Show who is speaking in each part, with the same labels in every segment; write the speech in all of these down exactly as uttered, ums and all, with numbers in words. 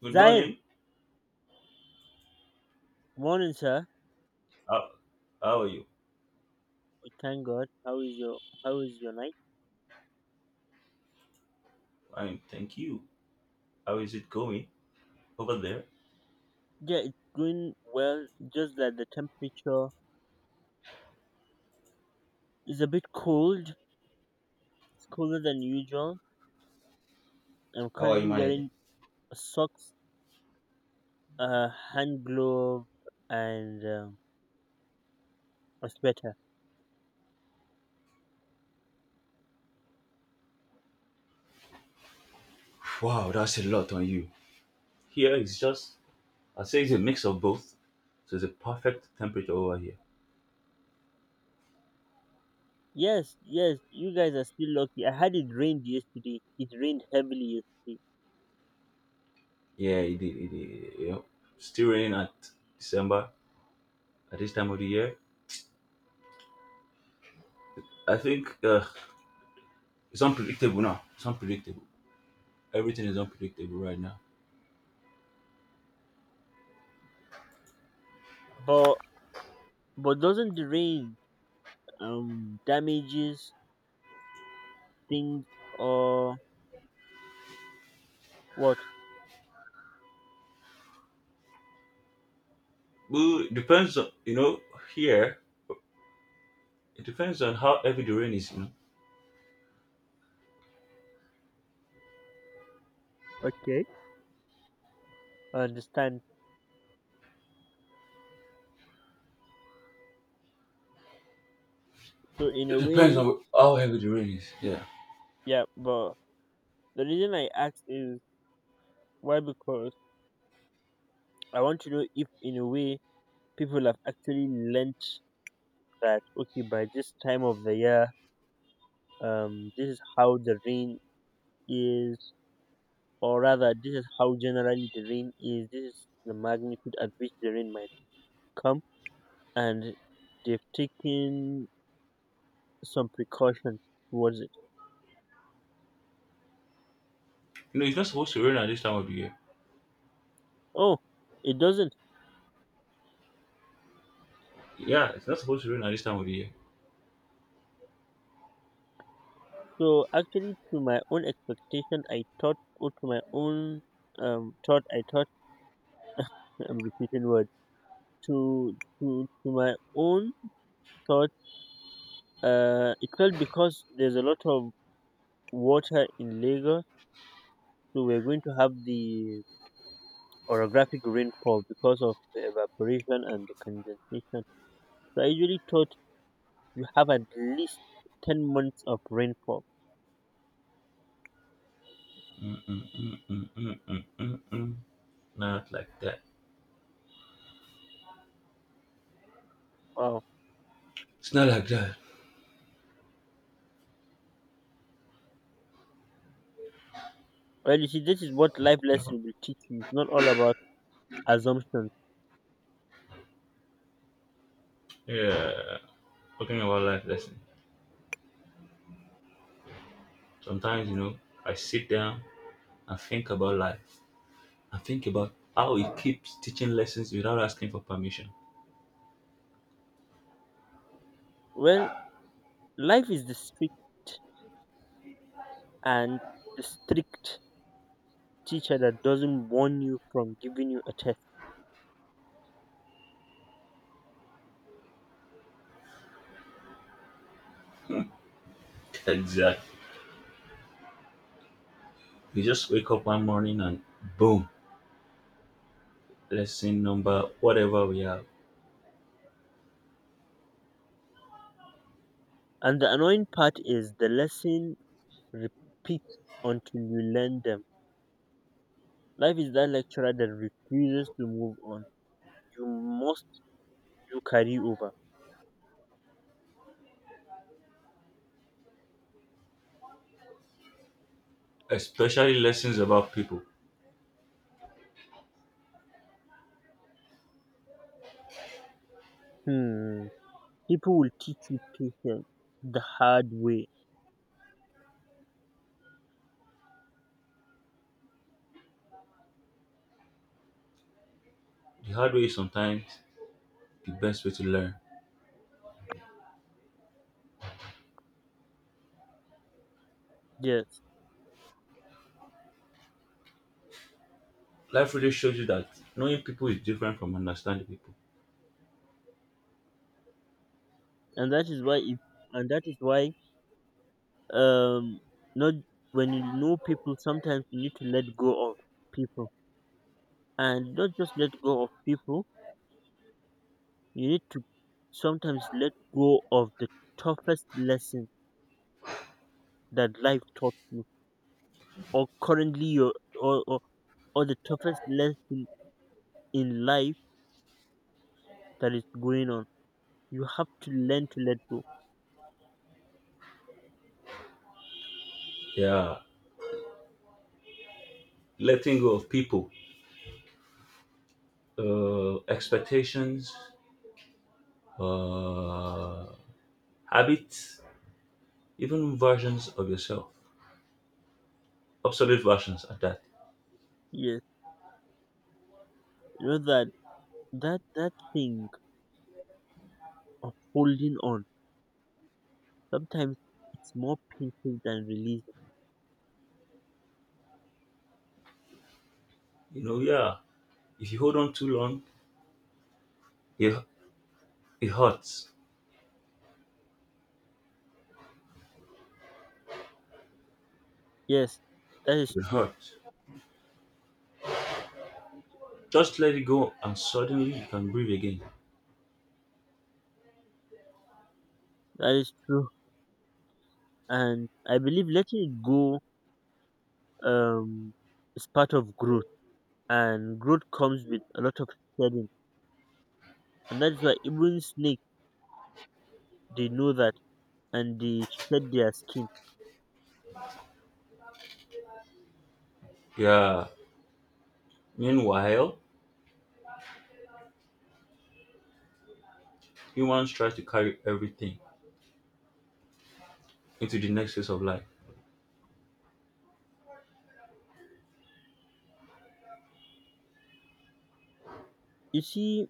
Speaker 1: Good
Speaker 2: Zaire,
Speaker 1: morning.
Speaker 2: morning, sir.
Speaker 1: How, how are you?
Speaker 2: Thank God. How is your How is your night?
Speaker 1: Fine, thank you. How is it going over there?
Speaker 2: Yeah, it's going well. Just that the temperature is a bit cold. It's colder than usual. I'm
Speaker 1: How are you
Speaker 2: currently
Speaker 1: managing?
Speaker 2: wearing socks, a hand glove, and um, a sweater.
Speaker 1: Wow, that's a lot on you. Here it's just, I say it's a mix of both. So it's a perfect temperature over here.
Speaker 2: Yes, yes. You guys are still lucky. I had it rained yesterday. It rained heavily yesterday.
Speaker 1: Yeah, it did. It did. You know, still raining at December at this time of the year. I think uh, it's unpredictable now. It's unpredictable. Everything is unpredictable right now.
Speaker 2: But but doesn't the rain um damages things or what?
Speaker 1: Well, it depends on you know here. It depends on how heavy the rain is. You know,
Speaker 2: Okay, I understand. So in
Speaker 1: it
Speaker 2: a
Speaker 1: depends
Speaker 2: way,
Speaker 1: on how heavy the rain is. Yeah.
Speaker 2: yeah, but the reason I asked is why, because I want to know if in a way people have actually learnt that okay, by this time of the year, um this is how the rain is, or rather this is how generally the rain is. This is the magnitude at which the rain might come, and they've taken some precaution towards it.
Speaker 1: No, it's not supposed to rain at this time of the year.
Speaker 2: Oh, it doesn't.
Speaker 1: Yeah, it's not supposed to rain at this time of the year.
Speaker 2: So actually, to my own expectation, I thought, or to my own um, thought, I thought I'm repeating words. To to to my own thought, uh, it felt because there's a lot of water in Lagos, so we're going to have the orographic rainfall because of the evaporation and the condensation. So I usually thought you have at least ten months of rainfall.
Speaker 1: Mm, mm, mm, mm, mm, mm, mm. Not like that.
Speaker 2: Wow.
Speaker 1: It's not like that.
Speaker 2: Well, you see, this is what life lesson will teach you. It's not all about assumptions.
Speaker 1: Yeah, talking about life lesson. Sometimes, you know, I sit down and think about life. I think about how it keeps teaching lessons without asking for permission.
Speaker 2: Well, life is the strict and the strict teacher that doesn't warn you from giving you a test.
Speaker 1: Exactly. You just wake up one morning and boom, lesson number whatever we have.
Speaker 2: And the annoying part is the lesson repeats until you learn them. Life is that lecturer that refuses to move on. You must do carryover.
Speaker 1: Especially lessons about people.
Speaker 2: Hmm. People will teach you patience the hard way.
Speaker 1: The hard way is sometimes the best way to learn.
Speaker 2: Yes.
Speaker 1: Life really shows you that knowing people is different from understanding people.
Speaker 2: And that is why if and that is why um not, when you know people sometimes you need to let go of people, and not just let go of people, you need to sometimes let go of the toughest lesson that life taught you, or currently your or, or, or the toughest lesson in life that is going on. You have to learn to let go.
Speaker 1: Yeah, letting go of people, uh, expectations, uh, habits, even versions of yourself, obsolete versions at that.
Speaker 2: Yes, you know that that that thing of holding on sometimes it's more painful than releasing.
Speaker 1: You know, yeah, if you hold on too long, it, it hurts.
Speaker 2: Yes, that is
Speaker 1: It
Speaker 2: true.
Speaker 1: hurts. Just let it go, and suddenly you can breathe again.
Speaker 2: That is true. And I believe letting it go um is part of growth, and growth comes with a lot of shedding, and that's why even snakes, they know that and they shed their skin.
Speaker 1: Yeah. Meanwhile, humans try to carry everything into the next phase of life.
Speaker 2: You see,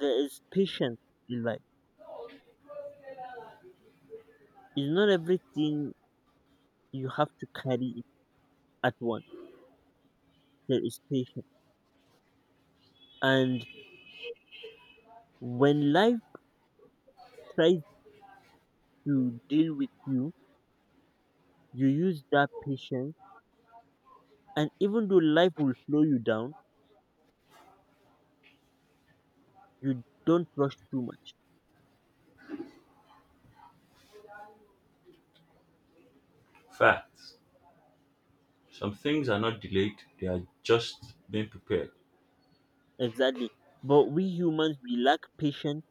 Speaker 2: there is patience in life. It's not everything you have to carry it at once. There is patience. And when life tries to deal with you, you use that patience. And even though life will slow you down, you don't rush too much.
Speaker 1: Facts. Some things are not delayed, they are just being prepared.
Speaker 2: Exactly. But we humans, we lack patience,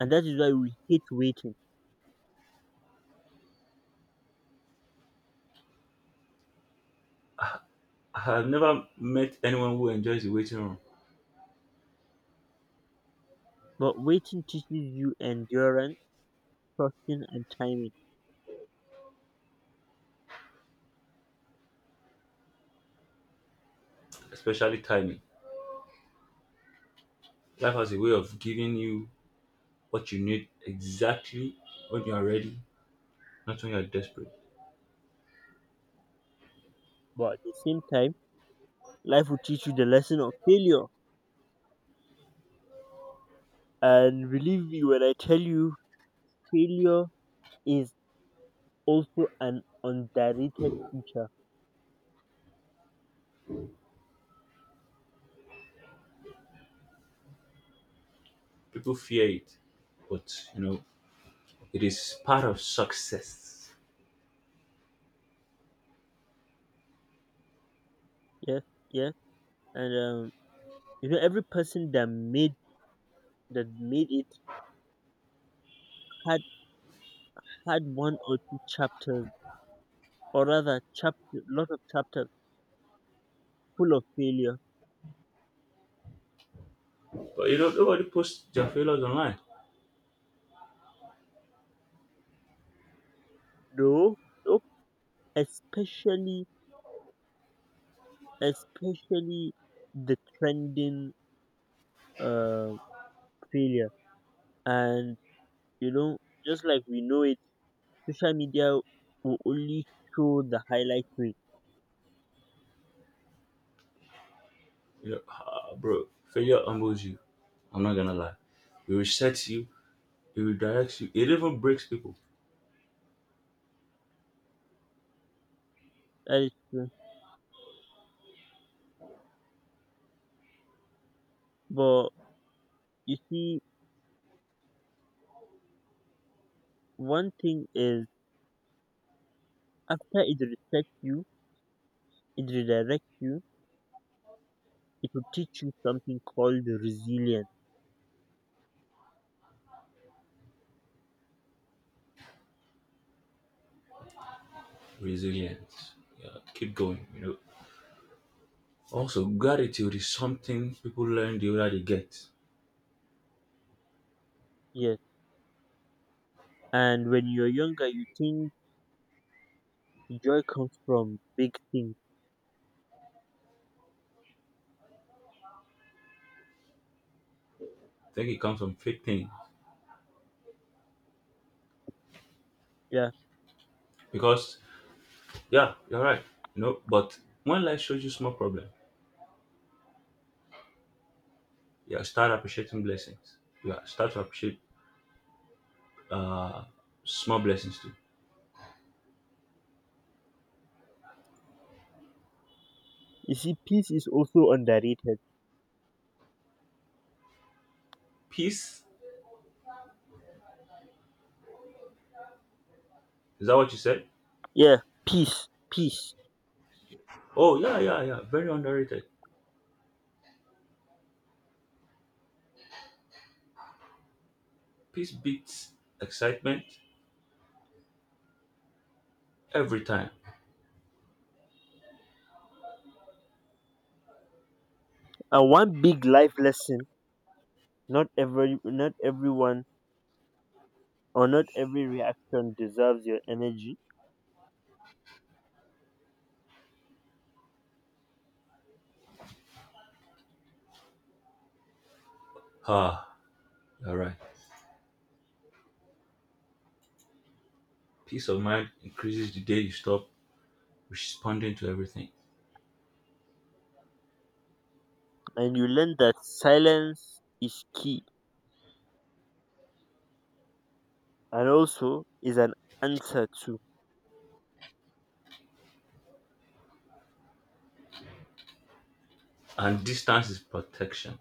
Speaker 2: and that is why we hate waiting.
Speaker 1: I have never met anyone who enjoys the waiting room,
Speaker 2: But waiting teaches you endurance, trusting, and timing.
Speaker 1: especially timing. Life has a way of giving you what you need exactly when you are ready, not when you are desperate.
Speaker 2: But at the same time, life will teach you the lesson of failure. And believe me when I tell you, failure is also an underrated teacher.
Speaker 1: People fear it, but you know, it is part of success.
Speaker 2: Yes, yes. And um, you know, every person that made that made it had had one or two chapters, or rather, chapter lot of chapters full of failure.
Speaker 1: But you know, nobody posts their failures online.
Speaker 2: No, no, especially especially the trending. Um, Failure. And you know, just like we know it, social media will only show the highlight reel.
Speaker 1: You know, ah, bro, failure humbles you. I'm not gonna lie. It resets you, it redirects you, it even breaks people.
Speaker 2: That is true. But you see, one thing is, after it resets you, it redirects you, it will teach you something called resilience.
Speaker 1: Resilience. Yeah, keep going, you know. Also, gratitude is something people learn the older they get.
Speaker 2: Yes. And when you're younger, you think joy comes from big things.
Speaker 1: I think it comes from fake thing.
Speaker 2: Yeah.
Speaker 1: Because yeah, you're right. You know, but when life shows you small problem, yeah, start appreciating blessings. Yeah, start to appreciate uh small blessings too.
Speaker 2: You see, peace is also underrated.
Speaker 1: Peace, is that what you said?
Speaker 2: Yeah. Peace. Peace.
Speaker 1: Oh yeah, yeah, yeah. Very underrated. Peace beats excitement every time.
Speaker 2: And one big life lesson, not every not everyone or not every reaction deserves your energy,
Speaker 1: Ah, all right. Peace of mind increases the day you stop responding to everything.
Speaker 2: and you learn that silence is key and also is an answer too.
Speaker 1: And distance is protection.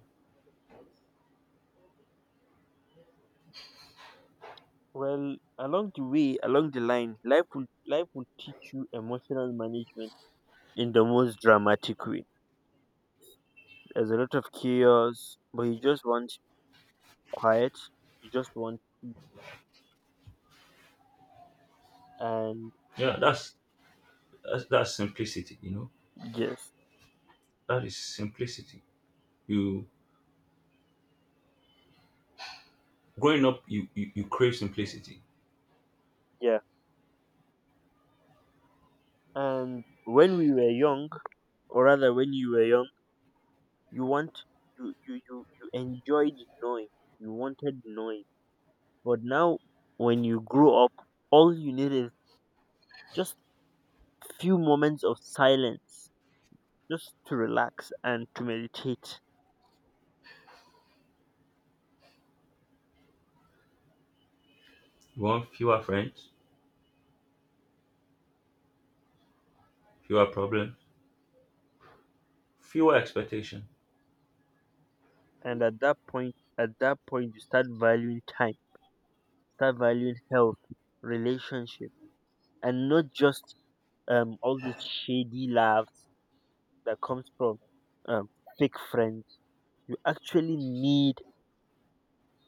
Speaker 2: Well, along the way, along the line, life will life will teach you emotional management in the most dramatic way. There's a lot of chaos, but you just want quiet. You just want. And
Speaker 1: Yeah that's that's, that's simplicity, you know,
Speaker 2: yes,
Speaker 1: that is simplicity. You growing up, you, you you crave simplicity.
Speaker 2: yeah. And when we were young, or rather when you were young, you want you you you, you enjoyed knowing. You wanted knowing. But now, when you grow up, all you need is just few moments of silence, just to relax and to meditate.
Speaker 1: You want fewer friends, fewer problems, fewer expectation.
Speaker 2: And at that point, at that point, you start valuing time, start valuing health, relationship, and not just um all these shady laughs that comes from um fake friends. You actually need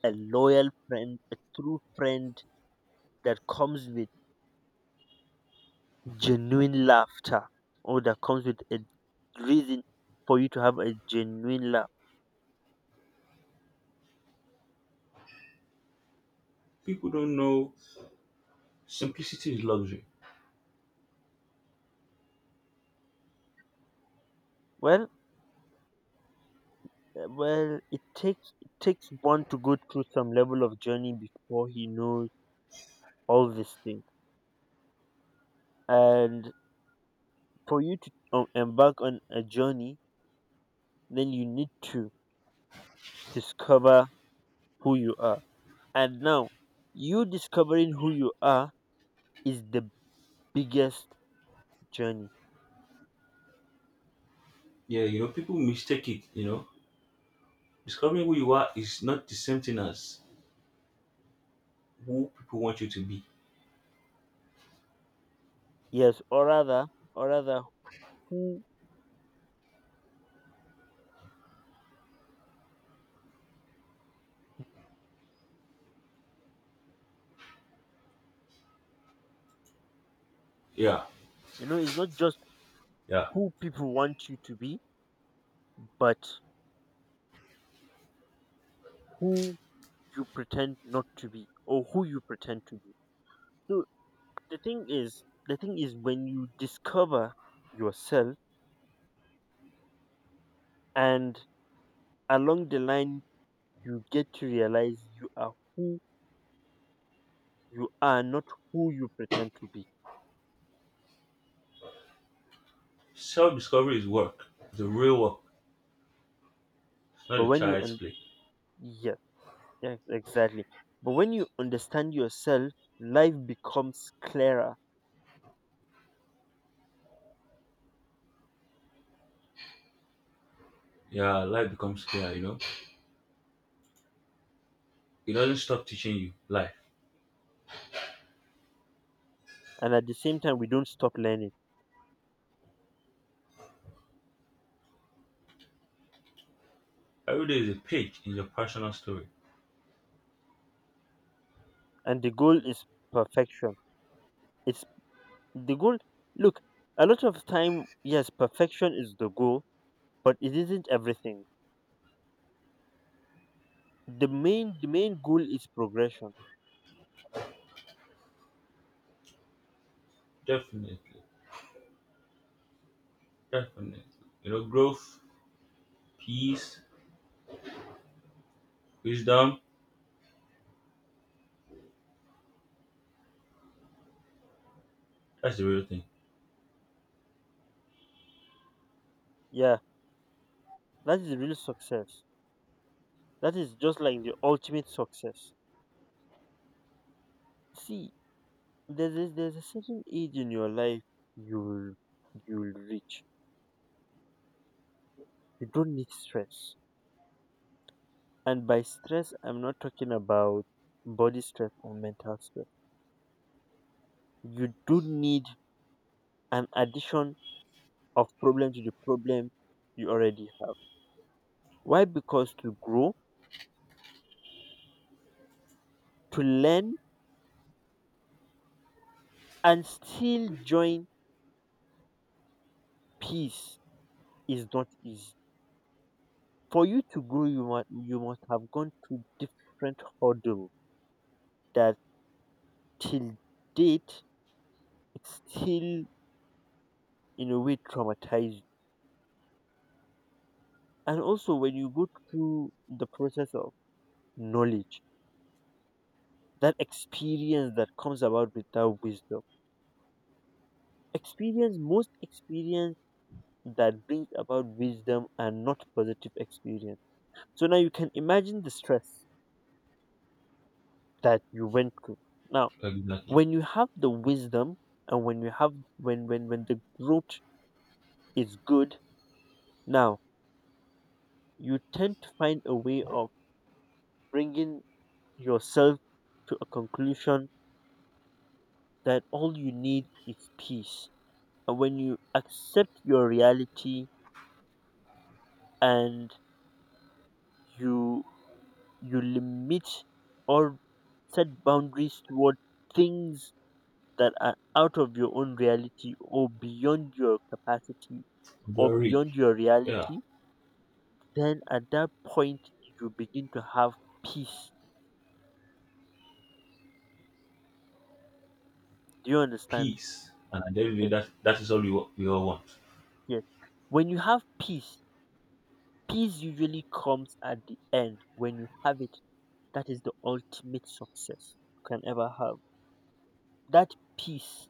Speaker 2: a loyal friend, a true friend, that comes with genuine laughter, or that comes with a reason for you to have a genuine laugh.
Speaker 1: People don't know simplicity is luxury.
Speaker 2: Well uh, well it takes it takes one to go through some level of journey before he knows all these things. And for you to um, embark on a journey, then you need to discover who you are. And now, you discovering who you are is the biggest journey.
Speaker 1: Yeah, you know, people mistake it, you know, discovering who you are is not the same thing as who people want you to be.
Speaker 2: Yes, or rather or rather who
Speaker 1: yeah
Speaker 2: you know it's not just
Speaker 1: yeah
Speaker 2: who people want you to be, but who you pretend not to be, or who you pretend to be. So the thing is the thing is when you discover yourself, and along the line, you get to realize you are who you are, not who you pretend to be.
Speaker 1: Self-discovery is work, the real work. It's not
Speaker 2: But
Speaker 1: a
Speaker 2: when you
Speaker 1: child's
Speaker 2: un-
Speaker 1: play.
Speaker 2: Yeah, yeah, exactly. But when you understand yourself, life becomes clearer.
Speaker 1: Yeah, life becomes clear, you know. It doesn't stop teaching you life.
Speaker 2: And at the same time, we don't stop learning.
Speaker 1: Every day is a page in your personal story.
Speaker 2: And the goal is perfection. It's The goal, look, a lot of time, yes, perfection is the goal, but it isn't everything. The main, the main goal is progression.
Speaker 1: Definitely. Definitely. You know, growth, peace, wisdom, that's the real thing.
Speaker 2: Yeah, that is real success. That is just like the ultimate success. See, there's a, there's a certain age in your life you'll you'll reach. You don't need stress. And by stress, I'm not talking about body stress or mental stress. You do need an addition of problem to the problem you already have. Why? Because to grow, to learn, and still join peace is not easy. For you to grow, you must, you must have gone through different hurdle that, till date, it still in a way traumatize you. And also, when you go through the process of knowledge, that experience that comes about with that wisdom. Experience most experience that brings about wisdom, and not positive experience. So now you can imagine the stress that you went through. Now,
Speaker 1: Exactly.
Speaker 2: when you have the wisdom, and when you have when when when the growth is good, now you tend to find a way of bringing yourself to a conclusion that all you need is peace. And when you accept your reality, and you you limit or set boundaries toward things that are out of your own reality, or beyond your capacity, or
Speaker 1: You're rich.
Speaker 2: beyond your
Speaker 1: Yeah.
Speaker 2: reality, then at that point, you begin to have peace. Do you understand?
Speaker 1: Peace. And at the end of the day,
Speaker 2: Yes,
Speaker 1: that, that is all we, wa- we all want.
Speaker 2: yes. When you have peace, peace usually comes at the end. When you have it, that is the ultimate success you can ever have. That peace.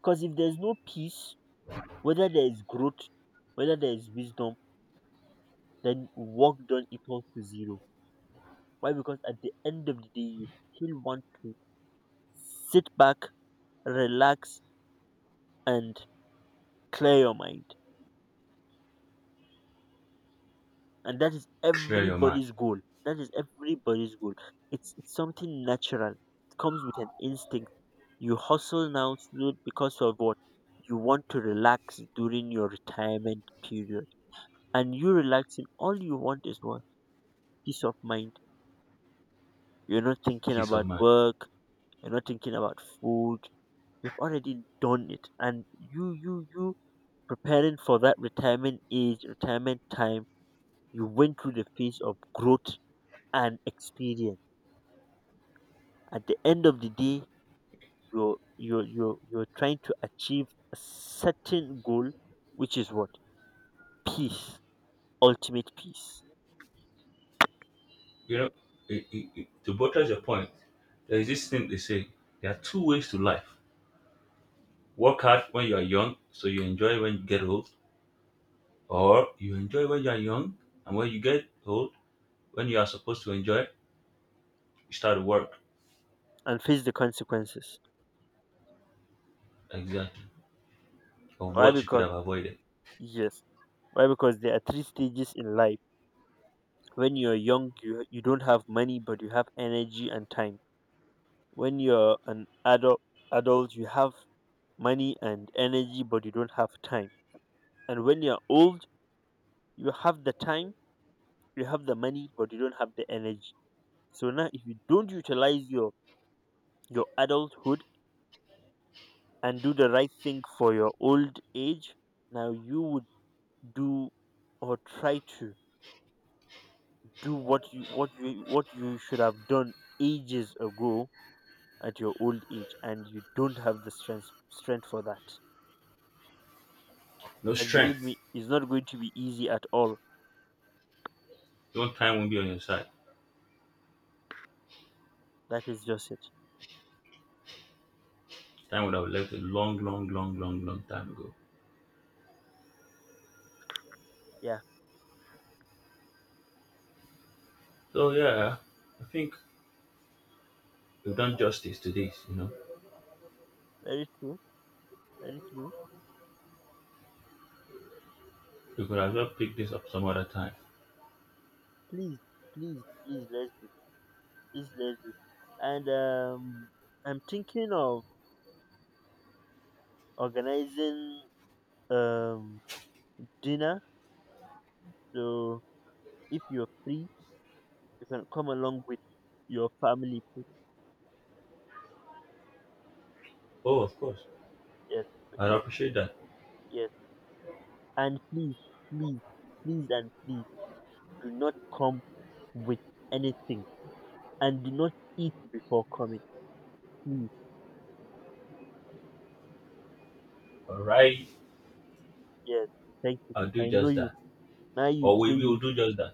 Speaker 2: Because if there's no peace, whether there is growth, whether there is wisdom, then work done equals to zero. Why? Because at the end of the day, you still want to sit back, relax, and clear your mind. And that is
Speaker 1: Clear your mind.
Speaker 2: everybody's goal. That is everybody's goal. It's, it's something natural. It comes with an instinct. You hustle now so because of what? You want to relax during your retirement period. And you relaxing, all you want is what? Peace of mind. You're not thinking
Speaker 1: Peace of
Speaker 2: about
Speaker 1: mind.
Speaker 2: work. You're not thinking about food. You've already done it. And you, you, you preparing for that retirement age, retirement time, you went through the phase of growth and experience. At the end of the day, you're you're you're, you're trying to achieve a certain goal, which is what? Peace. Ultimate peace.
Speaker 1: You know, it, it, it, to buttress your point, there is this thing they say there are two ways to life. Work hard when you are young, so you enjoy when you get old, or you enjoy when you are young, and when you get old, when you are supposed to enjoy, you start to work
Speaker 2: And face the consequences.
Speaker 1: exactly of
Speaker 2: Why?
Speaker 1: what you could
Speaker 2: Because
Speaker 1: have avoided.
Speaker 2: yes. Why? Because there are three stages in life. When you're young, you you don't have money, but you have energy and time. When you're an adult adult you have money and energy, but you don't have time. And when you're old, you have the time, you have the money, but you don't have the energy. So now, if you don't utilize your your adulthood and do the right thing for your old age, now you would do, or try to do, what you what you what you should have done ages ago at your old age, and you don't have the strength strength for that.
Speaker 1: No
Speaker 2: And believe
Speaker 1: strength.
Speaker 2: me, it's not going to be easy at all.
Speaker 1: No time won't be on your side.
Speaker 2: That is just it.
Speaker 1: Time would have left a long, long, long, long, long time ago.
Speaker 2: Yeah,
Speaker 1: So yeah, I think we've done justice to this, you know.
Speaker 2: very true. Very true.
Speaker 1: We could as well pick this up some other time.
Speaker 2: Please, please, please let's do. Please let's do. And um, I'm thinking of organizing um dinner. So if you're free, you can come along with your family. Please.
Speaker 1: Oh, of course.
Speaker 2: Yes.
Speaker 1: I'd
Speaker 2: Okay.
Speaker 1: appreciate that.
Speaker 2: Yes. And please, please, please, and please do not come with anything, and do not eat before coming. Please.
Speaker 1: All right.
Speaker 2: Yes. Thank you.
Speaker 1: I'll
Speaker 2: 'Cause
Speaker 1: do
Speaker 2: I know
Speaker 1: just
Speaker 2: you.
Speaker 1: that.
Speaker 2: Now you
Speaker 1: Or
Speaker 2: say
Speaker 1: we will
Speaker 2: you.
Speaker 1: do just that.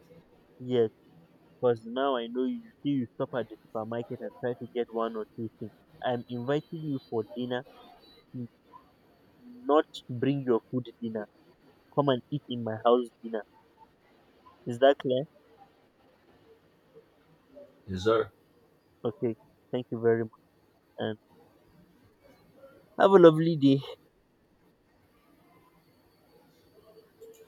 Speaker 2: Yes. Because now I know, you see, you stop at the supermarket and try to get one or two things. I'm inviting you for dinner. n- Not bring your food dinner. Come and eat in my house dinner. Is that clear?
Speaker 1: Yes, sir.
Speaker 2: Okay. Thank you very much and have a lovely day.